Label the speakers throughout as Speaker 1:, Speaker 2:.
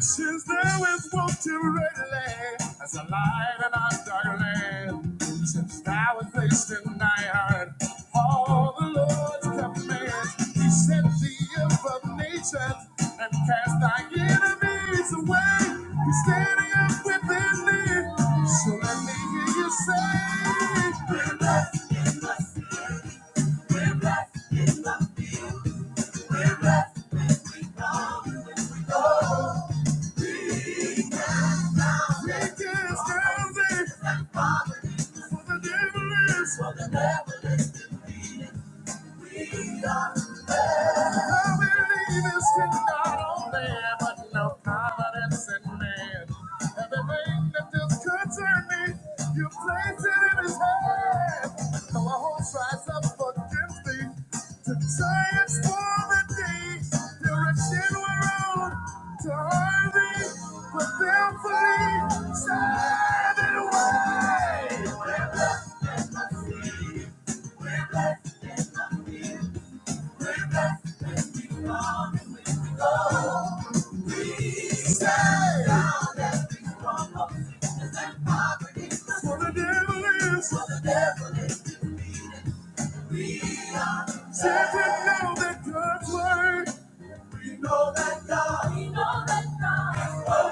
Speaker 1: Since there was once a red land, as a light in our dark land, since thou was placed in thy heart, all the Lord's commands, He set thee above nations and cast thy enemies away. He's standing up within thee, so let me hear you say. We're blessed in the field. We're blessed when we come, when we go. Satan is dancing. And Father, for the devil is. For the devil is defeated. I believe it's in God only, but no confidence in man. Everything that just concerned me, you placed it in his hand. Though a host rise up against me, to giants form indeed. Direction we're on to harm me, but thankfully, side and wide. We're we're We're blessed when we come and when we go. We stand out as We blessed, blessed, and and and come go. stand poverty. For for the the devil devil is for the devil is defeated. Says it now that God's word. You know that God, you know that God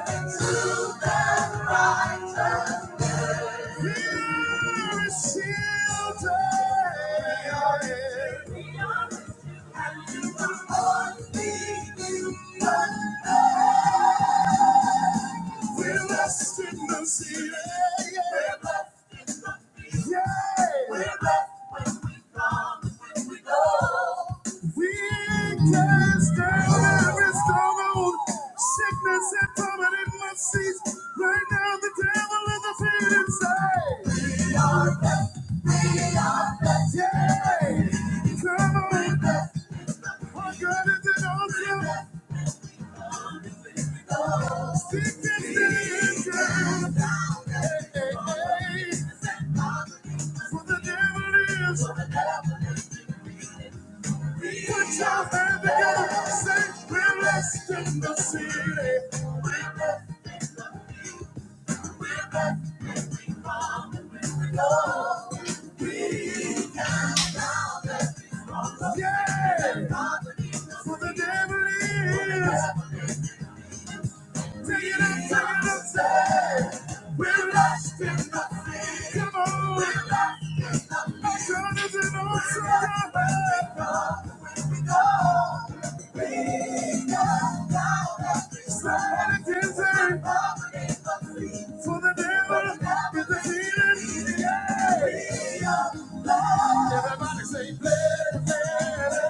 Speaker 1: is working to the righteous. Here is children. We are His. We are His children. And you were born to be in we're blessed in the sea. Yeah, yeah. We're blessed in the sea. Yeah. We're blessed when we come and when we go. We can not stand every stronghold, sickness and torment must cease. Right now, the devil is defeated inside. We are blessed. We are blessed. Yeah. Come on. Our God is an awesome. Yeah, for the devil is Take it up, take it up, say. We're lost in nothing. Come on. We're lost in nothing. Our God is an awesome God. When we go, when we go, we go down every Somebody can say, for the devil is defeated. Everybody say, bless, bless,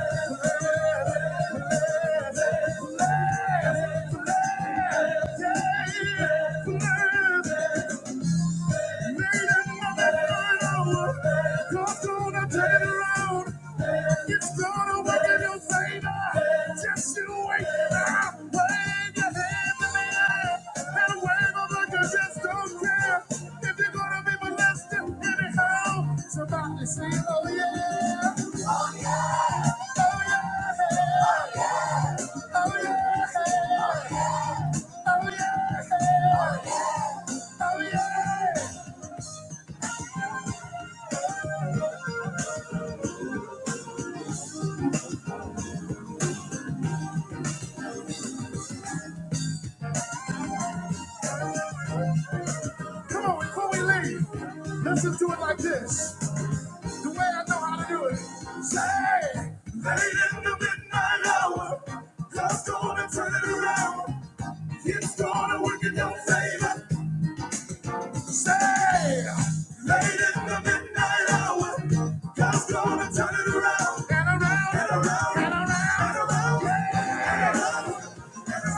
Speaker 1: Somebody say, oh yeah. Come on, before we leave, let's just do it like this. The way I know how to do it. Say, late in the midnight hour, God's gonna turn it around. He's gonna work in your favor. Say, late in the midnight hour, God's gonna turn it around. And around, and around, and around, and around. And around. God's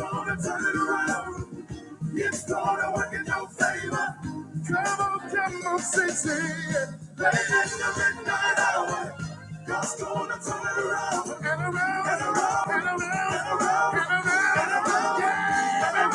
Speaker 1: gonna turn it around. It's gonna work in your favor. Come on, come on, say, say it. Late in the midnight hour. God's gonna turn it around. And around, and around, and around, and around, and around, and around. Yeah.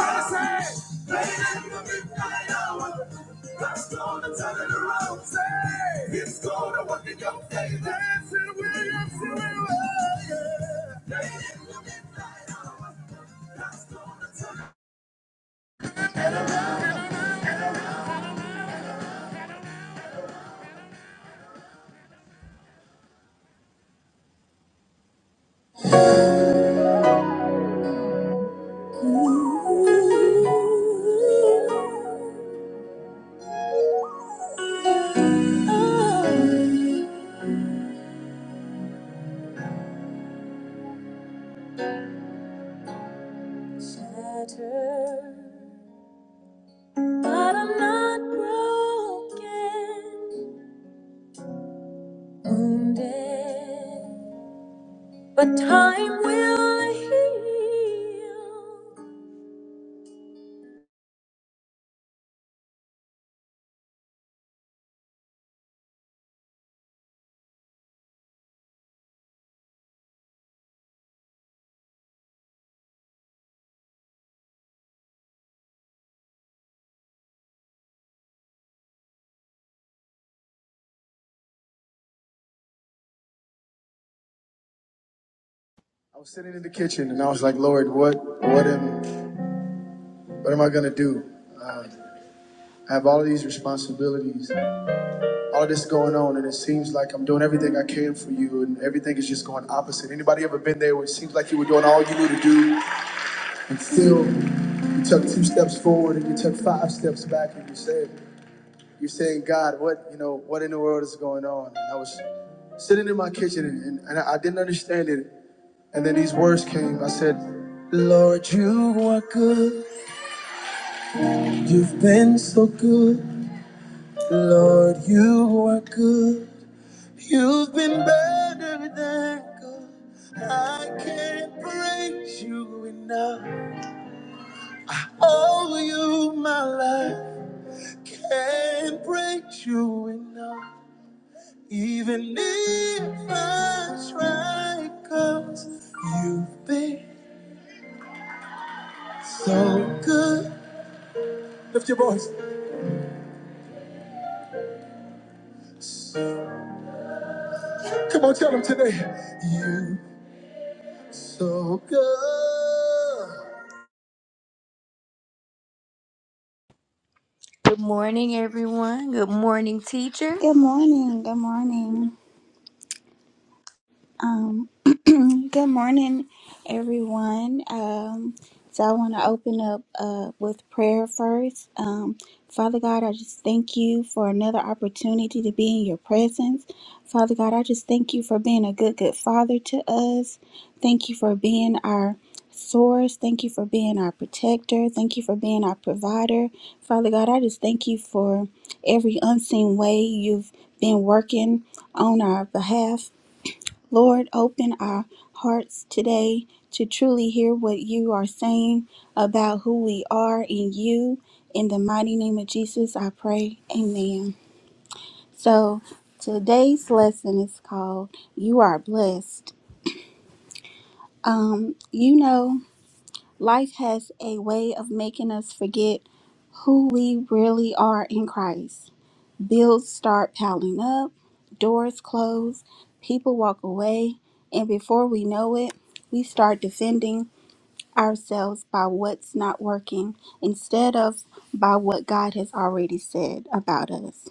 Speaker 1: Shattered, but I'm not broken. wounded, but time will heal. What am I gonna do? Uh, I have all of these responsibilities, all of this going on, and it seems like I'm doing everything I can for you, and everything is just going opposite. Anybody ever been there where it seems like you were doing all you knew to do, and still you took two steps forward and you took five steps back, and you said, "You're saying, God, what you know? What in the world is going on?" And I was sitting in my kitchen, and, and I didn't understand it. And then these words came. I said, Lord, you are good. You've been so good. That's right, 'cause you've been so good. Lift your voice. Come on, tell them today. You so good. Good morning, everyone. Good morning, teacher.
Speaker 2: Good morning. Good morning. Um, good morning, everyone. Um, so I want to open up uh, with prayer first. Um, Father God, I just thank you for another opportunity to be in your presence. Father God, I just thank you for being a good, good father to us. Thank you for being our source. Thank you for being our protector. Thank you for being our provider. Father God, I just thank you for every unseen way you've been working on our behalf. Lord, open our hearts today to truly hear what you are saying about who we are in you. In the mighty name of Jesus, I pray. Amen. So today's lesson is called You Are Blessed. Um, you know, life has a way of making us forget who we really are in Christ. bills start piling up, doors close, people walk away, and before we know it, we start defending ourselves by what's not working instead of by what God has already said about us.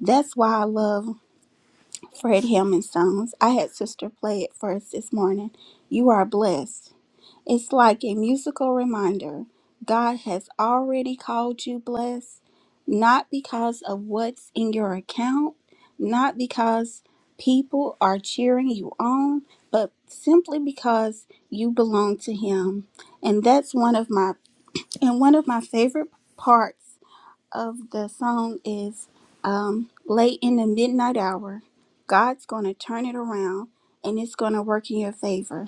Speaker 2: That's why I love Fred Hammond songs. I had sister play it for us this morning. You are blessed. It's like a musical reminder God has already called you blessed, not because of what's in your account, not because people are cheering you on, but simply because you belong to Him. And that's one of my and one of my favorite parts of the song is um, late in the midnight hour. God's going to turn it around and it's going to work in your favor.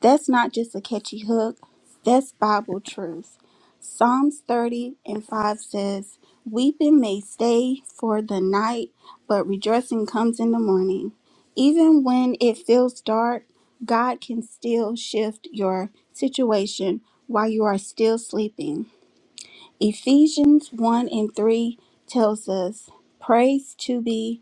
Speaker 2: That's not just a catchy hook, that's Bible truth. Psalms 30 and 5 says, Weeping may stay for the night, but rejoicing comes in the morning. Even when it feels dark, God can still shift your situation while you are still sleeping. Ephesians 1 and 3 tells us, Praise to be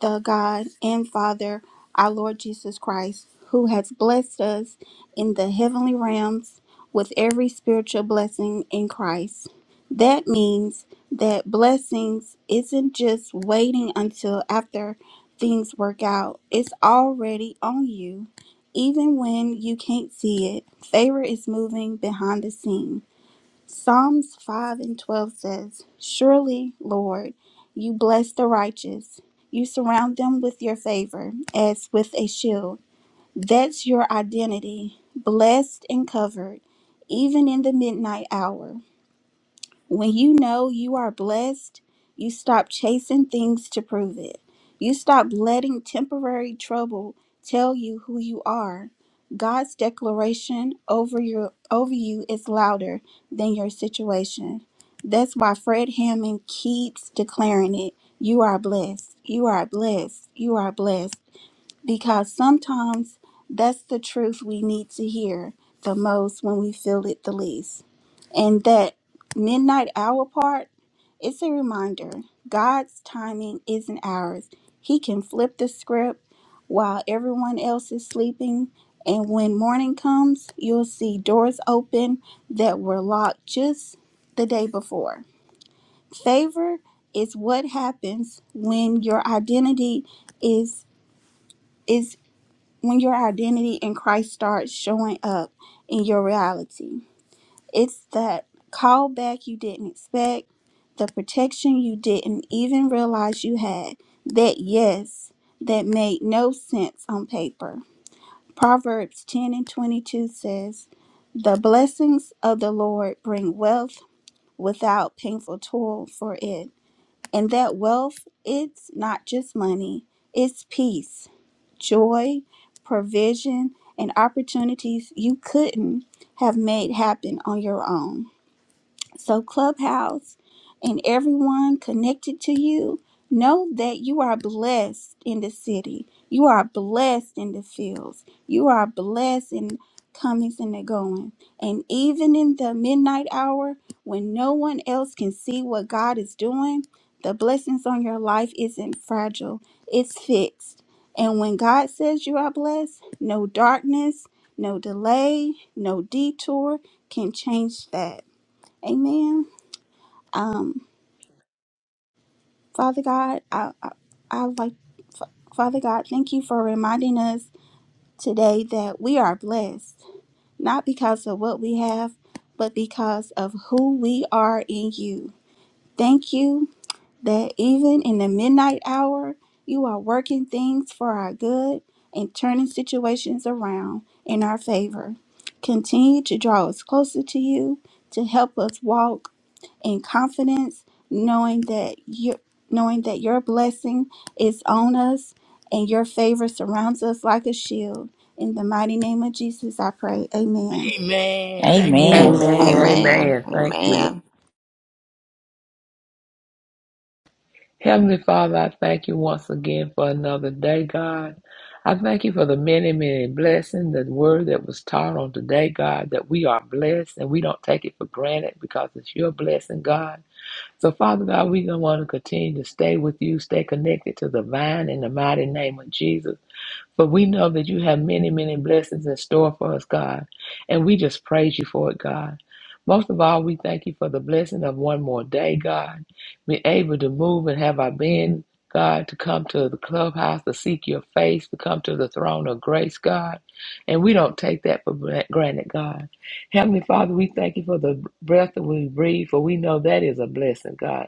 Speaker 2: the God and Father, our Lord Jesus Christ, who has blessed us in the heavenly realms with every spiritual blessing in Christ. That means that blessings isn't just waiting until after things work out, it's already on you. Even when you can't see it, favor is moving behind the scene. Psalms 5 and 12 says, Surely, Lord, you bless the righteous. You surround them with your favor as with a shield. That's your identity, blessed and covered, even in the midnight hour. When you know you are blessed, you stop chasing things to prove it. You stop letting temporary trouble tell you who you are. God's declaration over your over you is louder than your situation. That's why Fred Hammond keeps declaring it. You are blessed. You are blessed. You are blessed. Because sometimes that's the truth we need to hear the most when we feel it the least. And that midnight hour part, it's a reminder God's timing isn't ours. He can flip the script while everyone else is sleeping. And when morning comes, you'll see doors open that were locked just the day before. Favor is what happens when your identity is is when your identity in Christ starts showing up in your reality. It's that callback you didn't expect, the protection you didn't even realize you had, that yes that made no sense on paper. Proverbs 10 and 22 says, The blessings of the Lord bring wealth without painful toil for it. And that wealth, it's not just money, it's peace, joy, provision, and opportunities you couldn't have made happen on your own. So, Clubhouse and everyone connected to you, know that you are blessed in the city. You are blessed in the fields. You are blessed in comings and the going. And even in the midnight hour, when no one else can see what God is doing, the blessings on your life isn't fragile, it's fixed. And when God says you are blessed, no darkness, no delay, no detour can change that. Amen. Um, Father God, I, I, I like, Father God, thank you for reminding us today that we are blessed, not because of what we have, but because of who we are in you. Thank you that even in the midnight hour, you are working things for our good and turning situations around in our favor. Continue to draw us closer to you, to help us walk in confidence, knowing that you knowing that your blessing is on us and your favor surrounds us like a shield. In the mighty name of Jesus, I pray. Amen.
Speaker 3: Amen. Thank you,
Speaker 4: Amen.
Speaker 5: Amen.
Speaker 3: Lord.
Speaker 6: Amen.
Speaker 7: Amen.
Speaker 5: Amen. Thank you. Lord.
Speaker 7: Amen.
Speaker 5: Heavenly Father, I thank you once again for another day, God. I thank you for the many, many blessings, the word that was taught on today, God, that we are blessed and we don't take it for granted because it's your blessing, God. So, Father God, we going to want to continue to stay with you, stay connected to the vine in the mighty name of Jesus. But we know that you have many, many blessings in store for us, God. And we just praise you for it, God. Most of all, we thank you for the blessing of one more day, God. Being able to move and have our being, God, to come to the clubhouse, to seek your face, to come to the throne of grace, God. And we don't take that for granted, God. Heavenly Father, we thank you for the breath that we breathe, for we know that is a blessing, God.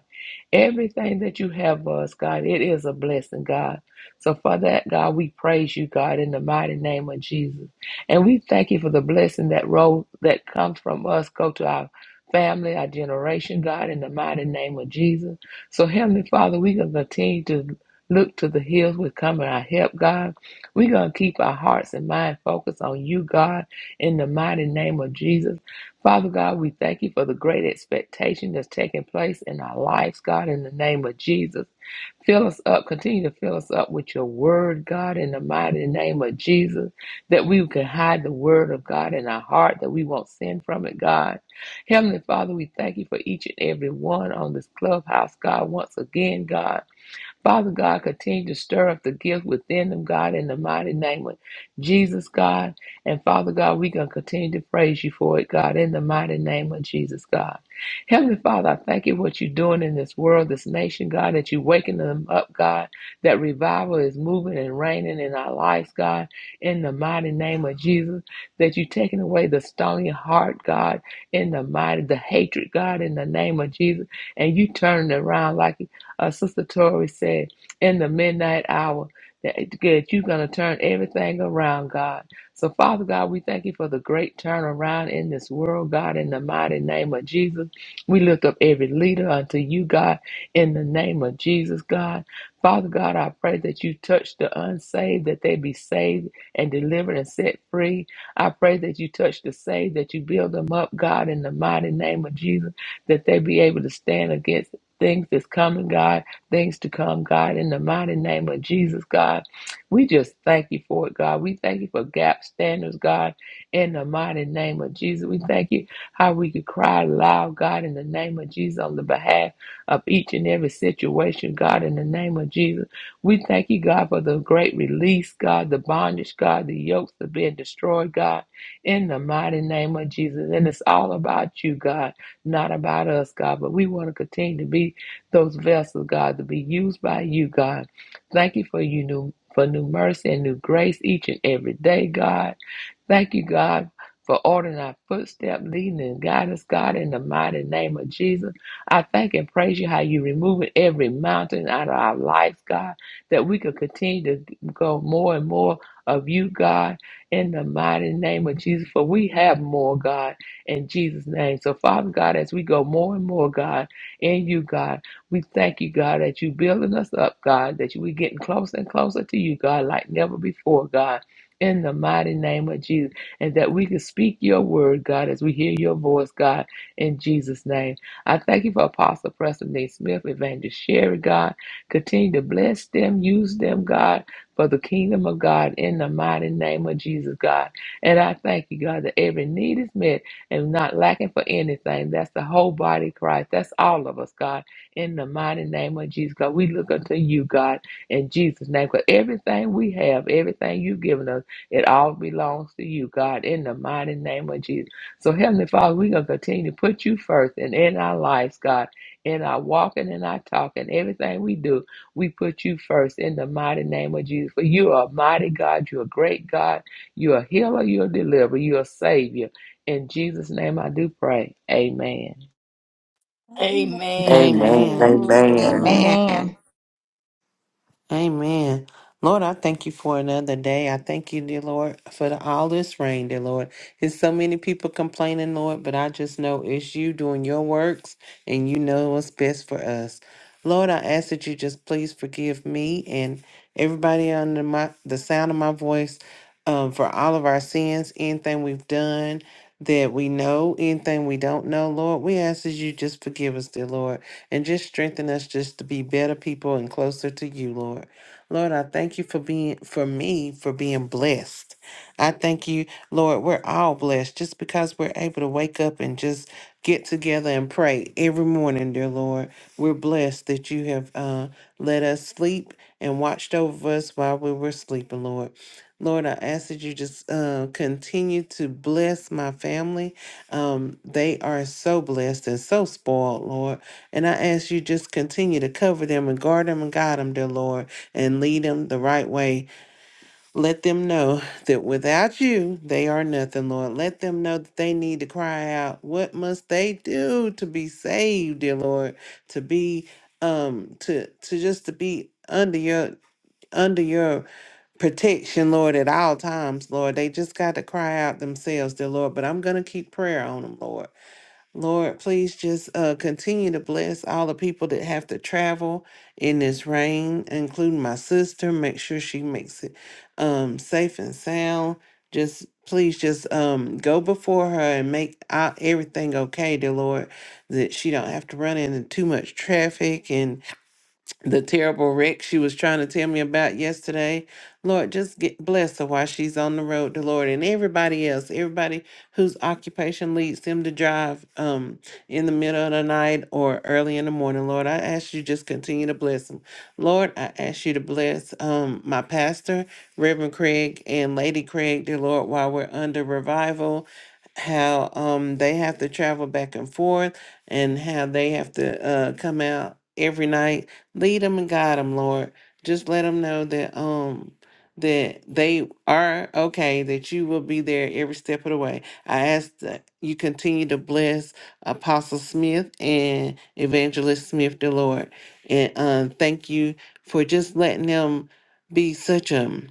Speaker 5: Everything that you have for us, God, it is a blessing, God. So for that, God, we praise you, God, in the mighty name of Jesus. And we thank you for the blessing that roll that comes from us, go to our family, our generation, God, in the mighty name of Jesus. So Heavenly Father, we are gonna continue to look to the hills with coming our help, God. We're gonna keep our hearts and mind focused on you, God, in the mighty name of Jesus. Father God, we thank you for the great expectation that's taking place in our lives, God, in the name of Jesus. Fill us up. Continue to fill us up with your word, God, in the mighty name of Jesus, that we can hide the word of God in our heart, that we won't sin from it, God. Heavenly Father, we thank you for each and every one on this clubhouse, God, once again, God. Father God, continue to stir up the gift within them, God, in the mighty name of Jesus, God. And Father God, we're going to continue to praise you for it, God, in the mighty name of Jesus, God. Heavenly Father, I thank you for what you're doing in this world, this nation, God, that you're waking them up, God, that revival is moving and reigning in our lives, God, in the mighty name of Jesus, that you're taking away the stony heart, God, in the mighty, the hatred, God, in the name of Jesus, and you turning it around like uh, Sister Tori said, in the midnight hour, that good, you're going to turn everything around, God. So, Father God, we thank you for the great turnaround in this world, God, in the mighty name of Jesus. We lift up every leader unto you, God, in the name of Jesus, God. Father God, I pray that you touch the unsaved, that they be saved and delivered and set free. I pray that you touch the saved, that you build them up, God, in the mighty name of Jesus, that they be able to stand against things that's coming, God, things to come, God, in the mighty name of Jesus, God. We just thank you for it, God. We thank you for gap standards, God, in the mighty name of Jesus. We thank you how we could cry loud, God, in the name of Jesus, on the behalf of each and every situation, God, in the name of Jesus. We thank you, God, for the great release, God, the bondage, God, the yokes that are being destroyed, God, in the mighty name of Jesus. And it's all about you, God not about us, God, but we want to continue to be those vessels, God, to be used by you, God. Thank you for you new for new mercy and new grace each and every day, God. Thank you, God. For ordering our footstep, leading and guiding us, God, in the mighty name of Jesus. I thank and praise you how you removing every mountain out of our lives, God, that we could continue to go more and more of you, God, in the mighty name of Jesus. For we have more, God in Jesus' name. So, Father God, as we go more and more, God, in you, God, we thank you, God, that you building us up, God, that you, we getting closer and closer to you, God, like never before, God. In the mighty name of Jesus, and that we can speak your word, God, as we hear your voice, God, in Jesus' name. I thank you for Apostle Preston D. Smith, Evangelist Sherry, God. Continue to bless them, use them, God, for the kingdom of God, in the mighty name of Jesus, God. And I thank you, God, that every need is met and not lacking for anything. That's the whole body of Christ. That's all of us, God. In the mighty name of Jesus, God, we look unto you, God, in Jesus' name. Because everything we have, everything you've given us, it all belongs to you, God, in the mighty name of Jesus. So, Heavenly Father, we're going to continue to put you first and in our lives, God, in our walking and our talking, everything we do, we put you first in the mighty name of Jesus. For you are a mighty God, you're a great God, you're a healer, you're a deliverer, you're a savior. In Jesus' name I do pray. Amen.
Speaker 2: Amen.
Speaker 3: Amen. Thank
Speaker 8: Amen.
Speaker 2: Amen.
Speaker 3: you,
Speaker 6: Amen.
Speaker 2: Thank you,
Speaker 3: Lord.
Speaker 2: Lord.
Speaker 8: Amen.
Speaker 7: Amen. Amen.
Speaker 4: Amen.
Speaker 6: Amen. Lord, I thank you for another day. I thank you, dear Lord, for the, all this rain, dear Lord. There's so many people complaining, Lord, but I just know it's you doing your works and you know what's best for us. Lord, I ask that you just please forgive me and everybody under my the sound of my voice um, for all of our sins, anything we've done that we know, anything we don't know, Lord. We ask that you just forgive us, dear Lord. and just strengthen us just to be better people and closer to you, Lord. Lord, I thank you for being for me for being blessed. I thank you, Lord, we're all blessed just because we're able to wake up and just get together and pray every morning, dear Lord. We're blessed that you have uh, let us sleep and watched over us while we were sleeping, Lord. Lord, I ask that you just uh, continue to bless my family. Um, they are so blessed and so spoiled, Lord. And I ask you just continue to cover them and guard them and guide them, dear Lord, and lead them the right way. Let them know that without you, they are nothing, Lord. Let them know that they need to cry out, what must they do to be saved, dear Lord, to be um to to just to be under your under your protection, Lord, at all times, Lord. They just got to cry out themselves, dear Lord. But I'm gonna keep prayer on them, Lord. Lord, please just uh, continue to bless all the people that have to travel in this rain, including my sister. Make sure she makes it um, safe and sound. Just please, just um, go before her and make out everything okay, dear Lord, that she don't have to run into too much traffic and the terrible wreck she was trying to tell me about yesterday. Lord, just get bless her while she's on the road to Lord and everybody else, everybody whose occupation leads them to drive um in the middle of the night or early in the morning. Lord, I ask you just continue to bless them. Lord, I ask you to bless um my pastor, Reverend Craig and Lady Craig, dear Lord, while we're under revival. How um they have to travel back and forth and how they have to uh come out every night Lead them and guide them, Lord. Just let them know that um that they are okay, that you will be there every step of the way. I ask that you continue to bless Apostle Smith and Evangelist Smith, the Lord. And um, thank you for just letting them be such a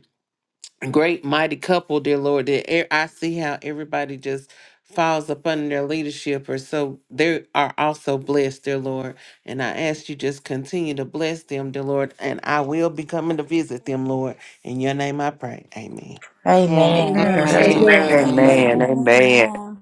Speaker 6: great mighty couple, dear Lord. That e- I see how everybody just falls up under their leadership, or so they are also blessed, dear Lord. And I ask you just continue to bless them, dear Lord. And I will be coming to visit them, Lord. In your name, I pray. Amen.
Speaker 4: Amen.
Speaker 3: Amen,
Speaker 5: Amen.
Speaker 3: Sister
Speaker 7: Amen.
Speaker 1: Amen.
Speaker 5: Amen.
Speaker 3: Dana.
Speaker 2: Amen.
Speaker 5: Thank
Speaker 8: Amen. Amen.
Speaker 7: Amen.
Speaker 5: you,
Speaker 8: Amen.
Speaker 2: Amen.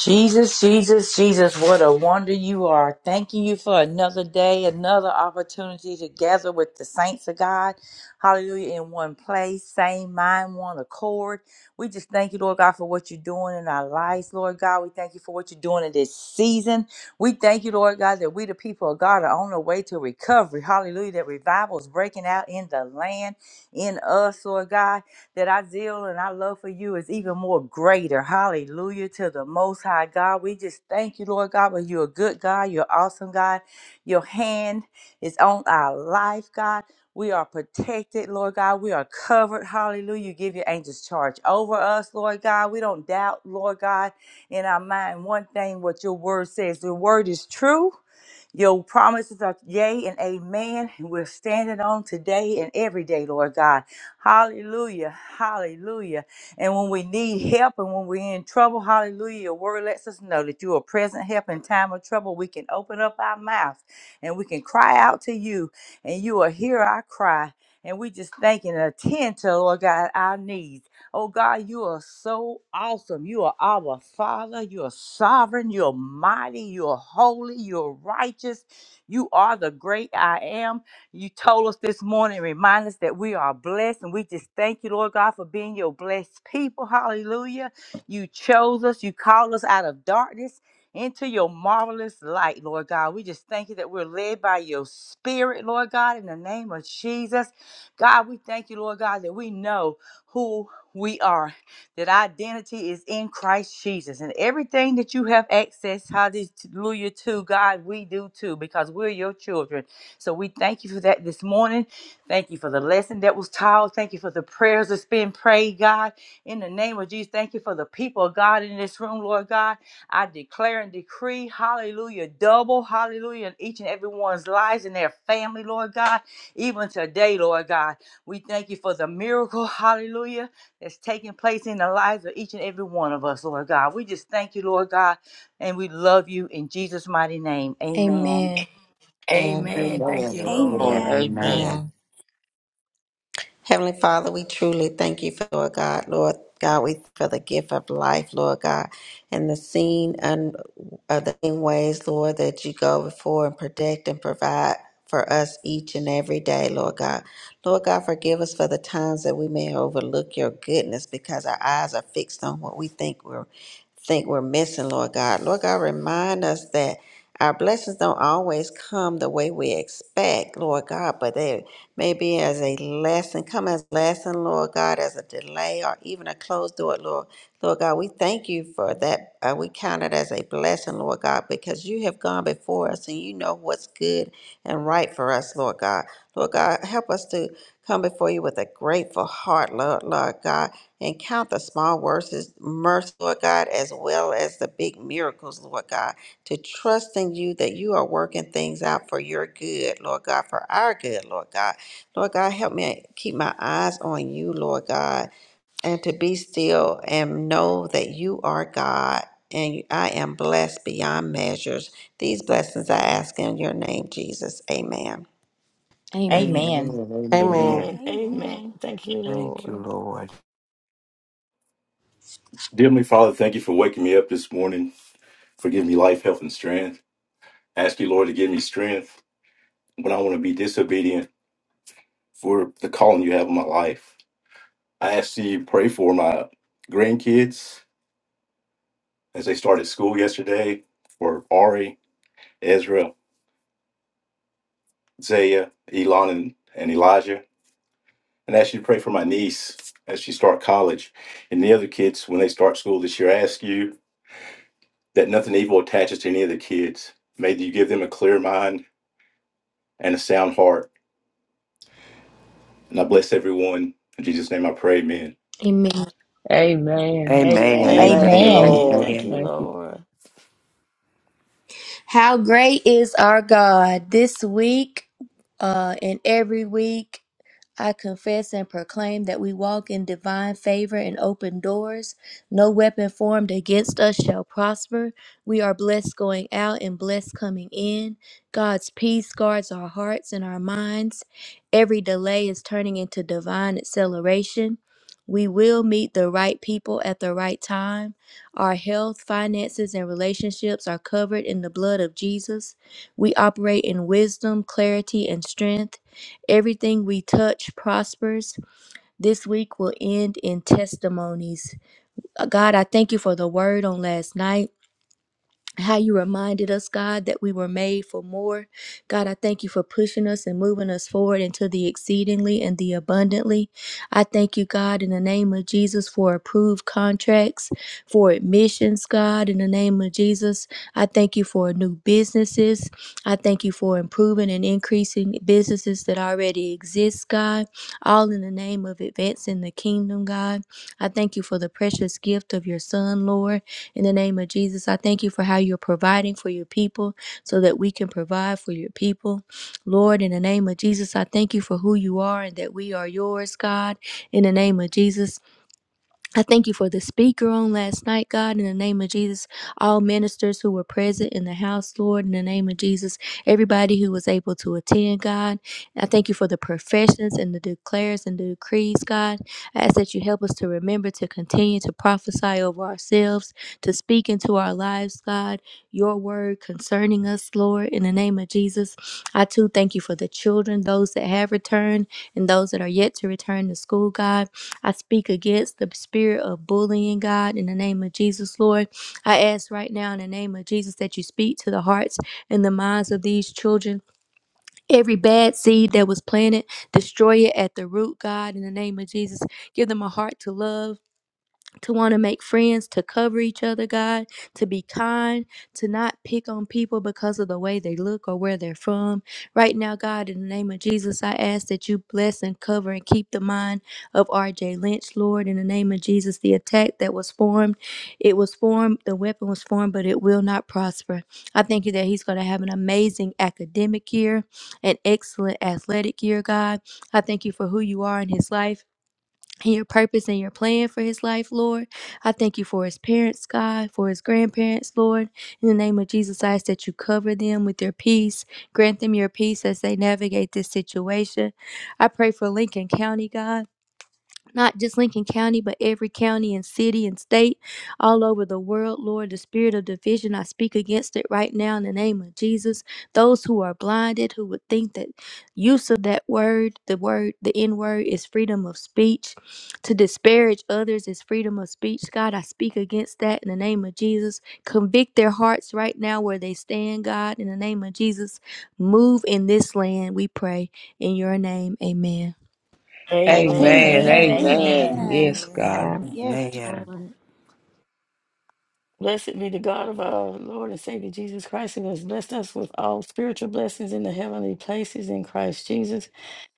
Speaker 4: Jesus, Jesus, Jesus, what a wonder you are. Thanking you for another day, another opportunity to gather with the saints of God. Hallelujah. In one place, same mind, one accord. We just thank you, Lord God, for what you're doing in our lives, Lord God. We thank you for what you're doing in this season. We thank you, Lord God, that we, the people of God, are on the way to recovery. Hallelujah. That revival is breaking out in the land, in us, Lord God. that our zeal and our love for you is even more greater. Hallelujah to the Most High God. We just thank you, Lord God, but you're a good God. You're awesome, God. Your hand is on our life, God. We are protected, Lord God. We are covered. Hallelujah. You give your angels charge over us, Lord God. We don't doubt, Lord God, in our mind one thing what your word says. Your word is true your promises are yea and amen. We're standing on today and every day, Lord God. Hallelujah. Hallelujah. And when we need help and when we're in trouble, hallelujah, your word lets us know that you are present help in time of trouble. We can open up our mouth and we can cry out to you, and you will hear our cry. And we just thank and attend to, Lord God, our needs. Oh God, you are so awesome. You are our Father. You are sovereign. You are mighty. You are holy. You are righteous. You are the great I am. You told us this morning, remind us that we are blessed. And we just thank you, Lord God, for being your blessed people. Hallelujah. You chose us. You called us out of darkness into your marvelous light, Lord God. We just thank you that we're led by your spirit, Lord God, in the name of Jesus. God, we thank you, Lord God, that we know who we are. That our identity is in Christ Jesus. And everything that you have access, hallelujah, to God, we do too, because we're your children. So we thank you for that this morning. Thank you for the lesson that was taught. Thank you for the prayers that's been prayed, God. In the name of Jesus, thank you for the people of God in this room, Lord God. I declare and decree, hallelujah, double, hallelujah, in each and everyone's lives and their family, Lord God. Even today, Lord God, we thank you for the miracle, hallelujah that's taking place in the lives of each and every one of us, Lord God. We just thank you, Lord God, and we love you in Jesus' mighty name. Amen.
Speaker 1: Amen.
Speaker 7: Amen.
Speaker 3: Amen. Thank
Speaker 8: Amen.
Speaker 3: you, Lord.
Speaker 5: Lord.
Speaker 2: Amen.
Speaker 5: Amen.
Speaker 8: Amen.
Speaker 7: Amen. Heavenly Father, we truly thank you for Lord God, Lord God, we for the gift of life, Lord God, and the seen and uh, the seen ways, Lord, that you go before and protect and provide for us each and every day, Lord God. Lord God, forgive us for the times that we may overlook your goodness because our eyes are fixed on what we think we're think we're missing, Lord God. Lord God, remind us that our blessings don't always come the way we expect, Lord God, but they may be as a lesson, come as a lesson, Lord God, as a delay or even a closed door, Lord. Lord God, we thank you for that. Uh, we count it as a blessing, Lord God, because you have gone before us and you know what's good and right for us, Lord God. Lord God, help us to Come before you with a grateful heart, Lord, Lord God, and count the small verses' as mercy, Lord God, as well as the big miracles, Lord God, to trust in you that you are working things out for your good, Lord God, for our good, Lord God. Lord God, help me keep my eyes on you, Lord God and to be still and know that you are God and I am blessed beyond measures. These blessings I ask in your name, Jesus. Amen.
Speaker 1: Amen.
Speaker 8: Amen.
Speaker 4: Amen.
Speaker 6: Amen.
Speaker 8: Amen.
Speaker 3: Amen. Amen.
Speaker 2: Amen.
Speaker 3: Thank you,
Speaker 8: Thank you,
Speaker 3: Lord.
Speaker 8: Lord.
Speaker 9: Dear Heavenly Father, thank you for waking me up this morning, for giving me life, health, and strength. I ask you, Lord, to give me strength when I want to be disobedient for the calling you have on my life. I ask you to pray for my grandkids as they started school yesterday, for Ari, Ezra, Zaya, Elon, and, and Elijah. And I ask you to pray for my niece as she start college and the other kids when they start school this year. I ask you that nothing evil attaches to any of the kids. May you give them a clear mind and a sound heart And I bless everyone. In Jesus' name I pray, amen.
Speaker 1: Amen.
Speaker 5: Amen.
Speaker 8: Amen.
Speaker 5: Amen.
Speaker 8: Amen.
Speaker 5: Thank you,
Speaker 4: Amen.
Speaker 8: Amen.
Speaker 2: Amen.
Speaker 3: Amen.
Speaker 5: Lord.
Speaker 3: Thank you,
Speaker 8: Amen.
Speaker 5: Thank you.
Speaker 3: Lord.
Speaker 1: How great is our God this week uh, and every week. I confess and proclaim that we walk in divine favor and open doors. No weapon formed against us shall prosper. We are blessed going out and blessed coming in. God's peace guards our hearts and our minds. Every delay is turning into divine acceleration. We will meet the right people at the right time. Our health, finances, and relationships are covered in the blood of Jesus. We operate in wisdom, clarity, and strength. Everything we touch prospers. This week will end in testimonies. Uh, God, I thank you for the word on last night how you reminded us, God, that we were made for more. God, I thank you for pushing us and moving us forward into the exceedingly and the abundantly. I thank you, God, in the name of Jesus, for approved contracts, for admissions, God, in the name of Jesus. I thank you for new businesses. I thank you for improving and increasing businesses that already exist, God, all in the name of advancing the kingdom, God. I thank you for the precious gift of your Son, Lord. In the name of Jesus, I thank you for how you're providing for your people so that we can provide for your people. Lord, in the name of Jesus, I thank you for who you are and that we are yours, God. In the name of Jesus, I thank you for the speaker on last night, God. In the name of Jesus, all ministers who were present in the house, Lord. In the name of Jesus, everybody who was able to attend, God. I thank you for the professions and the declares and the decrees, God. I ask that you help us to remember to continue to prophesy over ourselves, to speak into our lives, God, your word concerning us, Lord, in the name of Jesus. I too thank you for the children, those that have returned and those that are yet to return to school, God. I speak against the spirit of bullying, God, in the name of Jesus, Lord. I ask right now in the name of Jesus that you speak to the hearts and the minds of these children, Every bad seed that was planted, destroy it at the root, God, in the name of Jesus. Give them a heart to love to want to make friends, to cover each other, God, to be kind, to not pick on people because of the way they look or where they're from. Right now, God, in the name of Jesus, I ask that you bless and cover and keep the mind of RJ Lynch, Lord, in the name of Jesus. The attack that was formed, it was formed, the weapon was formed, but it will not prosper. I thank you that he's going to have an amazing academic year, an excellent athletic year, God. I thank you for who you are in his life and your purpose and your plan for his life, Lord. I thank you for his parents, God, for his grandparents, Lord. In the name of Jesus, I ask that you cover them with your peace. Grant them your peace as they navigate this situation. I pray for Lincoln County, God not just Lincoln County, but every county and city and state all over the world. Lord, the spirit of division, I speak against it right now in the name of Jesus. Those who are blinded, who would think that use of that word, the word, the N word, is freedom of speech. To disparage others is freedom of speech. God, I speak against that in the name of Jesus. Convict their hearts right now where they stand, God, in the name of Jesus. Move in this land, we pray. In your name, amen.
Speaker 7: Amen.
Speaker 5: Amen.
Speaker 4: Amen.
Speaker 3: Amen.
Speaker 2: Amen.
Speaker 5: Amen.
Speaker 4: Amen.
Speaker 2: Amen.
Speaker 5: Yes, God.
Speaker 7: Amen.
Speaker 2: Yes,
Speaker 8: Amen.
Speaker 2: Lord.
Speaker 3: Blessed be the God of our Lord and Savior Jesus Christ, who has blessed us with all spiritual blessings in the heavenly places in Christ Jesus.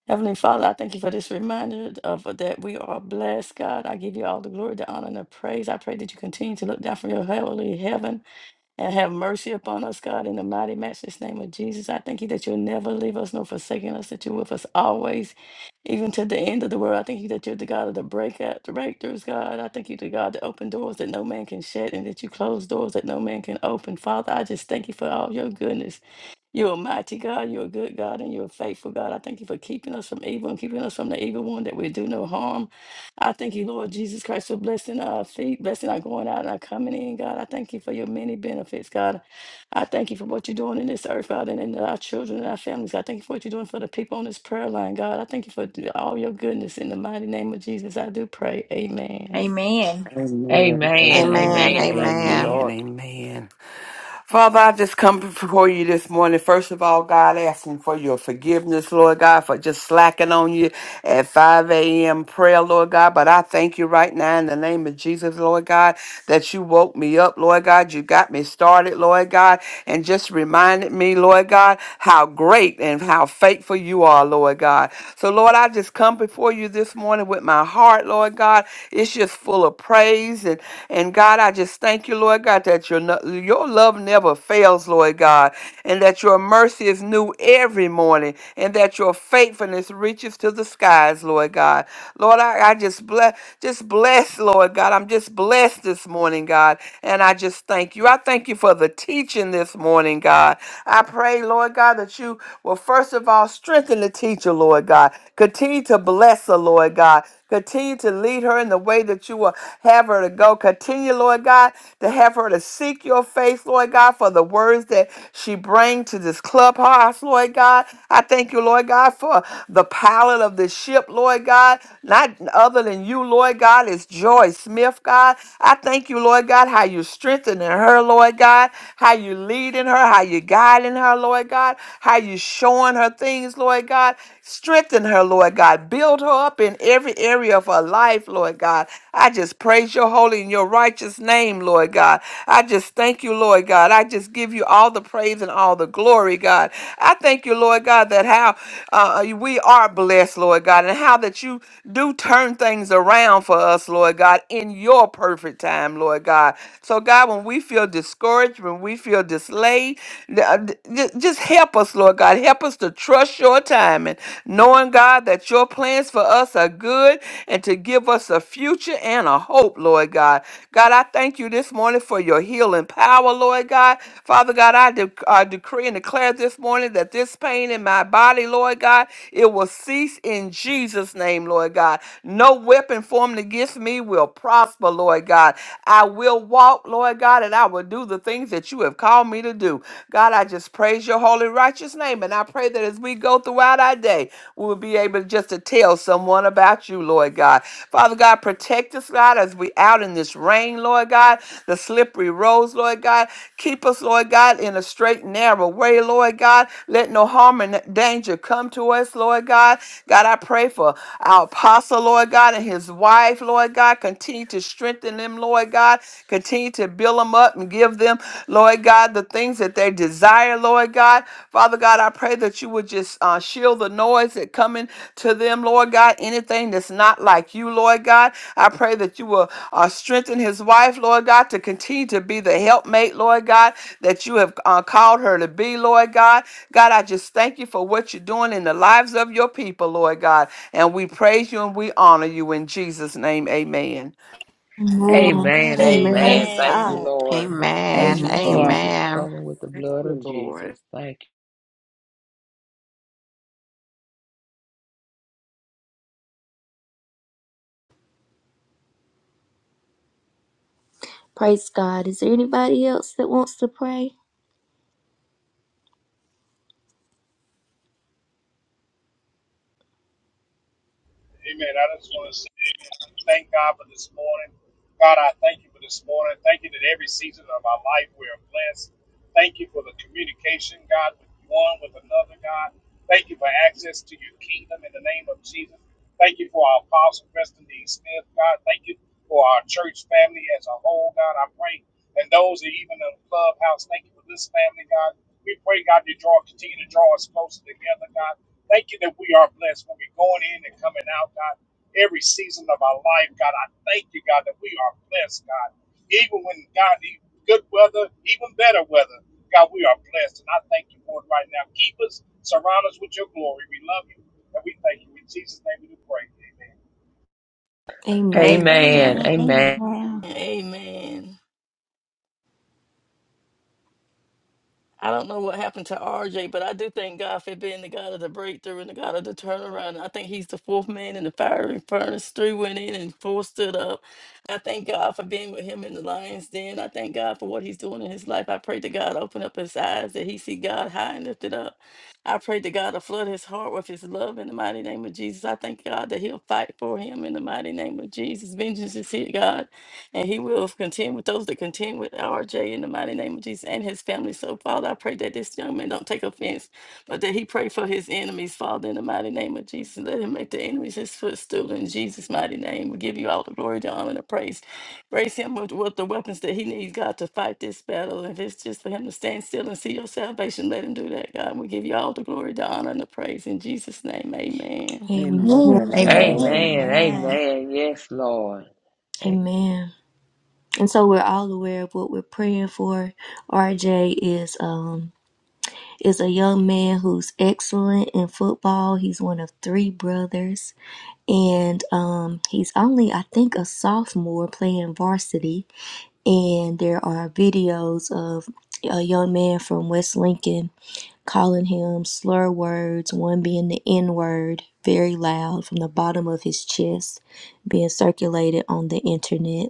Speaker 3: Heavenly Father, I thank you for this reminder of that we are blessed, God. I give you all the glory, the honor, and the praise. I pray that you continue to look down from your heavenly heaven and have mercy upon us, God, in the mighty, matchless name of Jesus. I thank you that you'll never leave us nor forsaken us, that you're with us always, even to the end of the world. I thank you that you're the God of the breakout, the breakthroughs, God. I thank you, the God that open doors that no man can shut and that you close doors that no man can open. Father, I just thank you for all your goodness. You're a mighty God. You're a good God and you're a faithful God. I thank you for keeping us from evil and keeping us from the evil one that we do no harm. I thank you, Lord Jesus Christ, for blessing our feet, blessing our going out and our coming in, God. I thank you for your many benefits, God. I thank you for what you're doing in this earth, God, and in our children and our families. I thank you for what you're doing for the people on this prayer line, God. I thank you for th- all your goodness. In the mighty name of Jesus, I do pray. Amen.
Speaker 4: Amen.
Speaker 7: Amen.
Speaker 5: Amen.
Speaker 8: Amen.
Speaker 7: Amen.
Speaker 5: Amen. Thank you,
Speaker 7: Amen.
Speaker 5: Lord.
Speaker 8: Amen. Amen. Father, I just come before you this morning. First of all, God, asking for your forgiveness, Lord God, for just slacking on you at 5 a.m. prayer, Lord God. But I thank you right now in the name of Jesus, Lord God, that you woke me up, Lord God. You got me started, Lord God and just reminded me, Lord God, how great and how faithful you are, Lord God. So, Lord, I just come before you this morning with my heart, Lord God. It's just full of praise. And, and God, I just thank you, Lord God, that your, no- your love never fails, Lord God, and that your mercy is new every morning, and that your faithfulness reaches to the skies, Lord God. Lord, I, I just bless, just bless, Lord God. I'm just blessed this morning, God, and I just thank you. I thank you for the tears teaching this morning, God. I pray, Lord God, that you will first of all strengthen the teacher, Lord God. Continue to bless her, Lord God. Continue to lead her in the way that you will have her to go. Continue, Lord God, to have her to seek your face, Lord God, for the words that she brings to this clubhouse, Lord God. I thank you, Lord God, for the pilot of this ship, Lord God. Not other than you, Lord God, is Joy Smith, God. I thank you, Lord God, how you're strengthening her, Lord God how you leading her, how you guiding her, Lord God, how you showing her things, Lord God. Strengthen her, Lord God. Build her up in every area of her life, Lord God. I just praise your holy and your righteous name, Lord God. I just thank you, Lord God. I just give you all the praise and all the glory, God. I thank you, Lord God, that how uh, we are blessed, Lord God, and how that you do turn things around for us, Lord God, in your perfect time, Lord God. So, God, when we feel discouraged, when we feel dislayed, uh, th- just help us, Lord God. Help us to trust your timing, knowing, God, that your plans for us are good and to give us a future and a hope, Lord God. God, I thank you this morning for your healing power, Lord God. Father God, I, de- I decree and declare this morning that this pain in my body, Lord God, it will cease in Jesus' name, Lord God. No weapon formed against me will prosper, Lord God. I will walk, Lord God, and I will do the things that you have called me to do. God, I just praise your holy, righteous name. And I pray that as we go throughout our day, we will be able just to tell someone about you, Lord God. Father God, protect us, God, as we out in this rain, Lord God, the slippery roads, Lord God. Keep us, Lord God, in a straight, narrow way, Lord God. Let no harm and danger come to us, Lord God. God, I pray for our apostle, Lord God, and his wife, Lord God. Continue to strengthen them, Lord God. Continue to build them up and give them, Lord God, the things that they desire desire, Lord God. Father God, I pray that you would just uh, shield the noise that coming to them, Lord God. Anything that's not like you, Lord God. I pray that you will uh, strengthen his wife, Lord God, to continue to be the helpmate, Lord God, that you have uh, called her to be, Lord God. God, I just thank you for what you're doing in the lives of your people, Lord God. And we praise you and we honor you in Jesus' name. Amen.
Speaker 5: Amen.
Speaker 2: Amen.
Speaker 1: Amen.
Speaker 5: Amen.
Speaker 2: Praise
Speaker 5: Thank you,
Speaker 3: Amen.
Speaker 2: God.
Speaker 5: Lord. Thank
Speaker 7: Amen.
Speaker 5: you,
Speaker 4: Amen.
Speaker 5: Jesus.
Speaker 7: Amen.
Speaker 5: Cover with the
Speaker 8: Thank
Speaker 5: blood
Speaker 8: you,
Speaker 5: of
Speaker 8: Lord.
Speaker 5: Jesus. Thank
Speaker 1: Praise God. Is there anybody else that wants to pray?
Speaker 10: Amen. I just want to say. Thank God for this morning. God, I thank you for this morning. Thank you that every season of our life we are blessed. Thank you for the communication, God, with one with another, God. Thank you for access to your kingdom in the name of Jesus. Thank you for our apostle, Preston D. Smith, God. Thank you for our church family as a whole, God. I pray. And those that even in the clubhouse, thank you for this family, God. We pray, God, you draw, continue to draw us closer together, God. Thank you that we are blessed when we're going in and coming out, God every season of our life, God. I thank you, God, that we are blessed, God. Even when, God, the good weather, even better weather, God, we are blessed. And I thank you, Lord, right now. Keep us, surround us with your glory. We love you, and we thank you. In Jesus' name we do pray. Amen.
Speaker 5: you.
Speaker 1: Amen.
Speaker 5: Amen.
Speaker 4: Amen. Amen.
Speaker 2: Amen.
Speaker 5: Amen.
Speaker 2: Amen.
Speaker 3: Amen. I don't know what happened to RJ, but I do thank God for being the God of the breakthrough and the God of the turnaround. I think he's the fourth man in the fiery furnace. Three went in and four stood up. I thank God for being with him in the lion's den. I thank God for what he's doing in his life. I pray to God open up his eyes that he see God high and lifted up. I pray to God to flood his heart with his love in the mighty name of Jesus. I thank God that he'll fight for him in the mighty name of Jesus. Vengeance is here, God. And he will contend with those that contend with RJ in the mighty name of Jesus and his family. So, Father, I pray that this young man don't take offense, but that he pray for his enemies, Father, in the mighty name of Jesus. Let him make the enemies his footstool in Jesus' mighty name. We give you all the glory, the honor, and the praise. Grace him with, with the weapons that he needs, God, to fight this battle. If it's just for him to stand still and see your salvation, let him do that, God. We give you all the glory, the honor, and the praise. In Jesus' name, amen.
Speaker 1: Amen.
Speaker 8: Amen.
Speaker 4: Amen.
Speaker 2: Amen.
Speaker 8: Amen.
Speaker 5: Amen.
Speaker 2: Amen.
Speaker 4: Amen.
Speaker 5: Amen. Yes, Lord. A-
Speaker 1: Amen. And so we're all aware of what we're praying for. RJ is um is a young man who's excellent in football. He's one of three brothers, and um he's only I think a sophomore playing varsity. And there are videos of a young man from West Lincoln calling him slur words, one being the N word, very loud from the bottom of his chest, being circulated on the internet.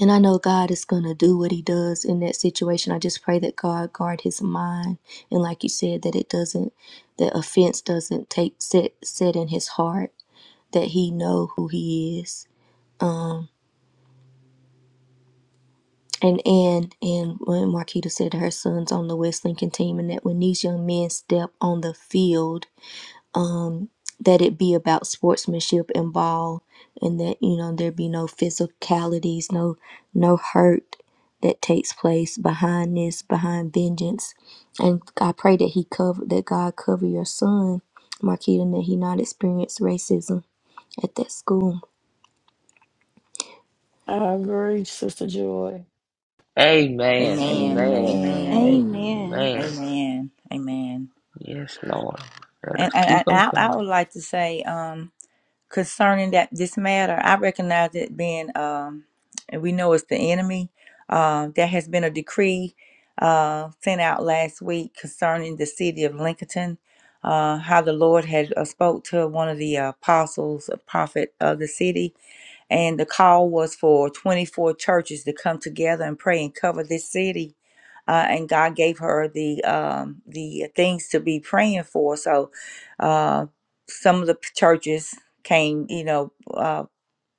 Speaker 1: And I know God is going to do what he does in that situation. I just pray that God guard his mind. And like you said, that it doesn't, that offense doesn't take set, set in his heart, that he know who he is. And and and when Marquita said her son's on the West Lincoln team, and that when these young men step on the field, that it be about sportsmanship and ball and that you know there be no physicalities no no hurt that takes place behind this behind vengeance and i pray that he cover that god cover your son marquita and that he not experience racism at that school
Speaker 3: I agree, Sister Joy.
Speaker 5: Amen. Amen.
Speaker 4: Amen.
Speaker 3: Amen.
Speaker 2: Amen.
Speaker 5: Amen.
Speaker 4: Amen. Amen.
Speaker 5: Yes, Lord. Let
Speaker 4: And,
Speaker 5: us
Speaker 4: and,
Speaker 5: keep them
Speaker 4: and I, I
Speaker 5: coming.
Speaker 4: would like to say, um, concerning that this matter, I recognize it being, um, and we know it's the enemy. Uh, there has been a decree uh, sent out last week concerning the city of Lincoln, uh, how the Lord had uh, spoke to one of the uh, apostles, a prophet of the city, and the call was for 24 churches to come together and pray and cover this city. Uh, and God gave her the um, the things to be praying for. So uh, some of the p- churches came, you know, uh,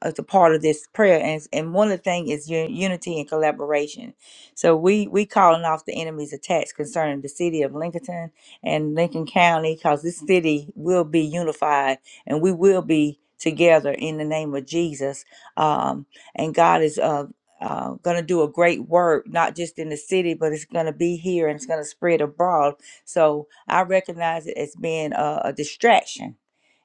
Speaker 4: as a part of this prayer and, it's- and one of the things is un- unity and collaboration so we we calling off the enemy's attacks concerning the city of lincoln and lincoln county because this city will be unified and we will be together in the name of jesus um, and god is uh, uh, going to do a great work, not just in the city, but it's going to be here and it's going to spread abroad. So I recognize it as being a, a distraction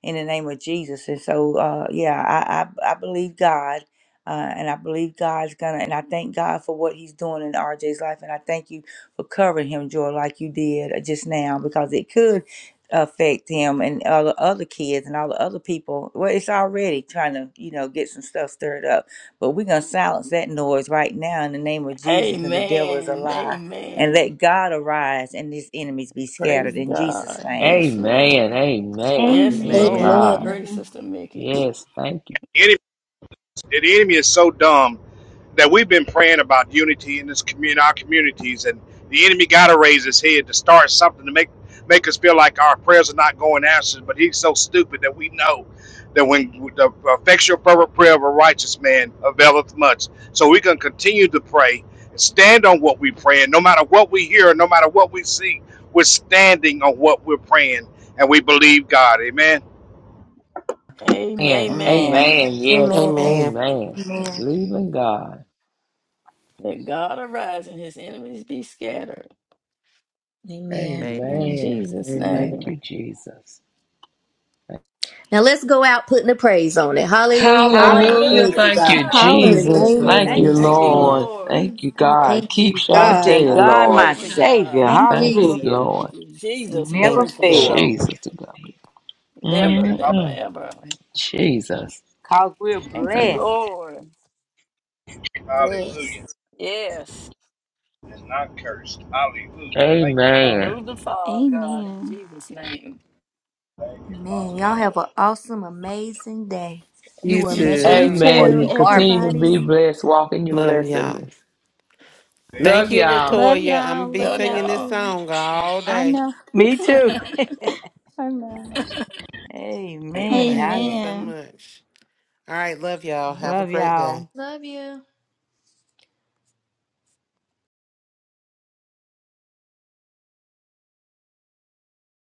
Speaker 4: in the name of Jesus. And so, uh, yeah, I, I, I believe God. Uh, and I believe God's gonna, and I thank God for what He's doing in RJ's life. And I thank you for covering him, Joy, like you did uh, just now, because it could affect him and all the other kids and all the other people. Well, it's already trying to, you know, get some stuff stirred up. But we're going to silence that noise right now in the name of Jesus, and the devil is a
Speaker 3: Amen.
Speaker 4: lie. And let
Speaker 3: Amen.
Speaker 4: God arise and his enemies be
Speaker 3: Praise
Speaker 4: scattered in Jesus'
Speaker 3: God.
Speaker 4: name.
Speaker 3: Yes,
Speaker 5: Amen.
Speaker 3: Lord.
Speaker 5: Amen.
Speaker 3: Yes,
Speaker 5: Yes,
Speaker 2: Amen.
Speaker 3: Lord.
Speaker 8: Amen.
Speaker 3: I
Speaker 5: God.
Speaker 3: agree,
Speaker 2: Amen.
Speaker 3: Sister Mickey.
Speaker 5: Yes, thank you.
Speaker 10: Any the enemy is so dumb that we've been praying about unity in this community, our communities, and the enemy got to raise his head to start something to make make us feel like our prayers are not going answered. But he's so stupid that we know that when the effectual fervent prayer of a righteous man availeth much, so we can continue to pray and stand on what we pray, and no matter what we hear, no matter what we see, we're standing on what we're praying, and we believe God. Amen.
Speaker 5: Amen.
Speaker 3: Amen.
Speaker 4: Amen.
Speaker 3: man.
Speaker 5: Amen. Yes.
Speaker 6: Amen.
Speaker 5: Amen.
Speaker 1: Amen.
Speaker 5: Believe in God.
Speaker 3: Let God arise and his enemies be scattered.
Speaker 1: Amen.
Speaker 3: In
Speaker 8: Amen.
Speaker 5: Amen.
Speaker 3: Jesus'
Speaker 8: Amen.
Speaker 5: Thank
Speaker 3: name.
Speaker 5: you, Jesus.
Speaker 1: Now let's go out putting the praise on it. Hallelujah, Lord. I
Speaker 5: Hallelujah.
Speaker 1: thank you,
Speaker 4: Hallelujah.
Speaker 5: Thank
Speaker 1: God.
Speaker 5: you,
Speaker 4: Yes.
Speaker 3: Hallelujah.
Speaker 1: In the
Speaker 5: Jesus.
Speaker 1: name
Speaker 2: Hallelujah.
Speaker 1: of
Speaker 5: Thank
Speaker 4: Thank
Speaker 5: you,
Speaker 2: Thank
Speaker 4: you,
Speaker 1: Jesus,
Speaker 2: you,
Speaker 3: Thank you,
Speaker 2: Lord.
Speaker 1: Lord.
Speaker 8: Hallelujah.
Speaker 4: Jesus.
Speaker 5: Lord.
Speaker 3: Lord.
Speaker 2: Praise
Speaker 5: Thank you,
Speaker 2: God.
Speaker 5: God.
Speaker 1: Thank
Speaker 5: Keep
Speaker 1: you,
Speaker 4: Trust
Speaker 1: God.
Speaker 4: in
Speaker 5: Shantae,
Speaker 4: God,
Speaker 1: Hallelujah.
Speaker 4: my
Speaker 3: Glory
Speaker 5: Lord.
Speaker 3: to
Speaker 4: Savior.
Speaker 3: God.
Speaker 2: Thank you,
Speaker 5: Thank you,
Speaker 2: Lord.
Speaker 1: Jesus.
Speaker 4: Hallelujah.
Speaker 5: Lord.
Speaker 3: Thank you, Jesus.
Speaker 4: Never
Speaker 3: Glory
Speaker 6: Thank
Speaker 3: to
Speaker 6: you,
Speaker 3: God.
Speaker 6: Lord.
Speaker 4: fail.
Speaker 5: Jesus to God.
Speaker 3: Never,
Speaker 10: Hallelujah.
Speaker 3: never,
Speaker 5: Mm-mm.
Speaker 3: ever.
Speaker 5: Jesus.
Speaker 4: Because we're
Speaker 3: Thank you,
Speaker 5: Thank-
Speaker 4: blessed.
Speaker 3: Lord.
Speaker 1: Yes.
Speaker 10: Hallelujah.
Speaker 3: Yes.
Speaker 10: and not cursed. Hallelujah. Thank you, Father.
Speaker 5: Amen.
Speaker 3: Remove the fog, God, in
Speaker 2: Amen.
Speaker 3: Jesus' name.
Speaker 10: Thank you, Father.
Speaker 1: Man, y'all have an awesome, amazing day. You
Speaker 6: You
Speaker 1: were
Speaker 3: You
Speaker 1: made
Speaker 6: too.
Speaker 2: You
Speaker 3: too.
Speaker 1: for it.
Speaker 2: too,
Speaker 5: Amen.
Speaker 1: You are
Speaker 5: Continue
Speaker 1: blessed.
Speaker 5: to be
Speaker 2: everybody.
Speaker 5: blessed. Walk in your
Speaker 6: Love y'all.
Speaker 5: blessing.
Speaker 10: Amen.
Speaker 6: Thank
Speaker 5: Love
Speaker 6: you,
Speaker 5: y'all.
Speaker 2: Love
Speaker 6: Latoya. I'm gonna
Speaker 2: y'all.
Speaker 6: be
Speaker 2: Love
Speaker 3: Love
Speaker 2: y'all
Speaker 6: singing this
Speaker 3: y'all.
Speaker 2: too.
Speaker 6: song all
Speaker 2: I
Speaker 6: day.
Speaker 2: know.
Speaker 4: Me too.
Speaker 2: I know.
Speaker 4: Amen.
Speaker 6: Thank
Speaker 4: I
Speaker 6: you
Speaker 3: Amen.
Speaker 6: so
Speaker 2: Amen.
Speaker 6: much. All right, love y'all. Have a
Speaker 4: love
Speaker 6: great
Speaker 4: y'all.
Speaker 6: day.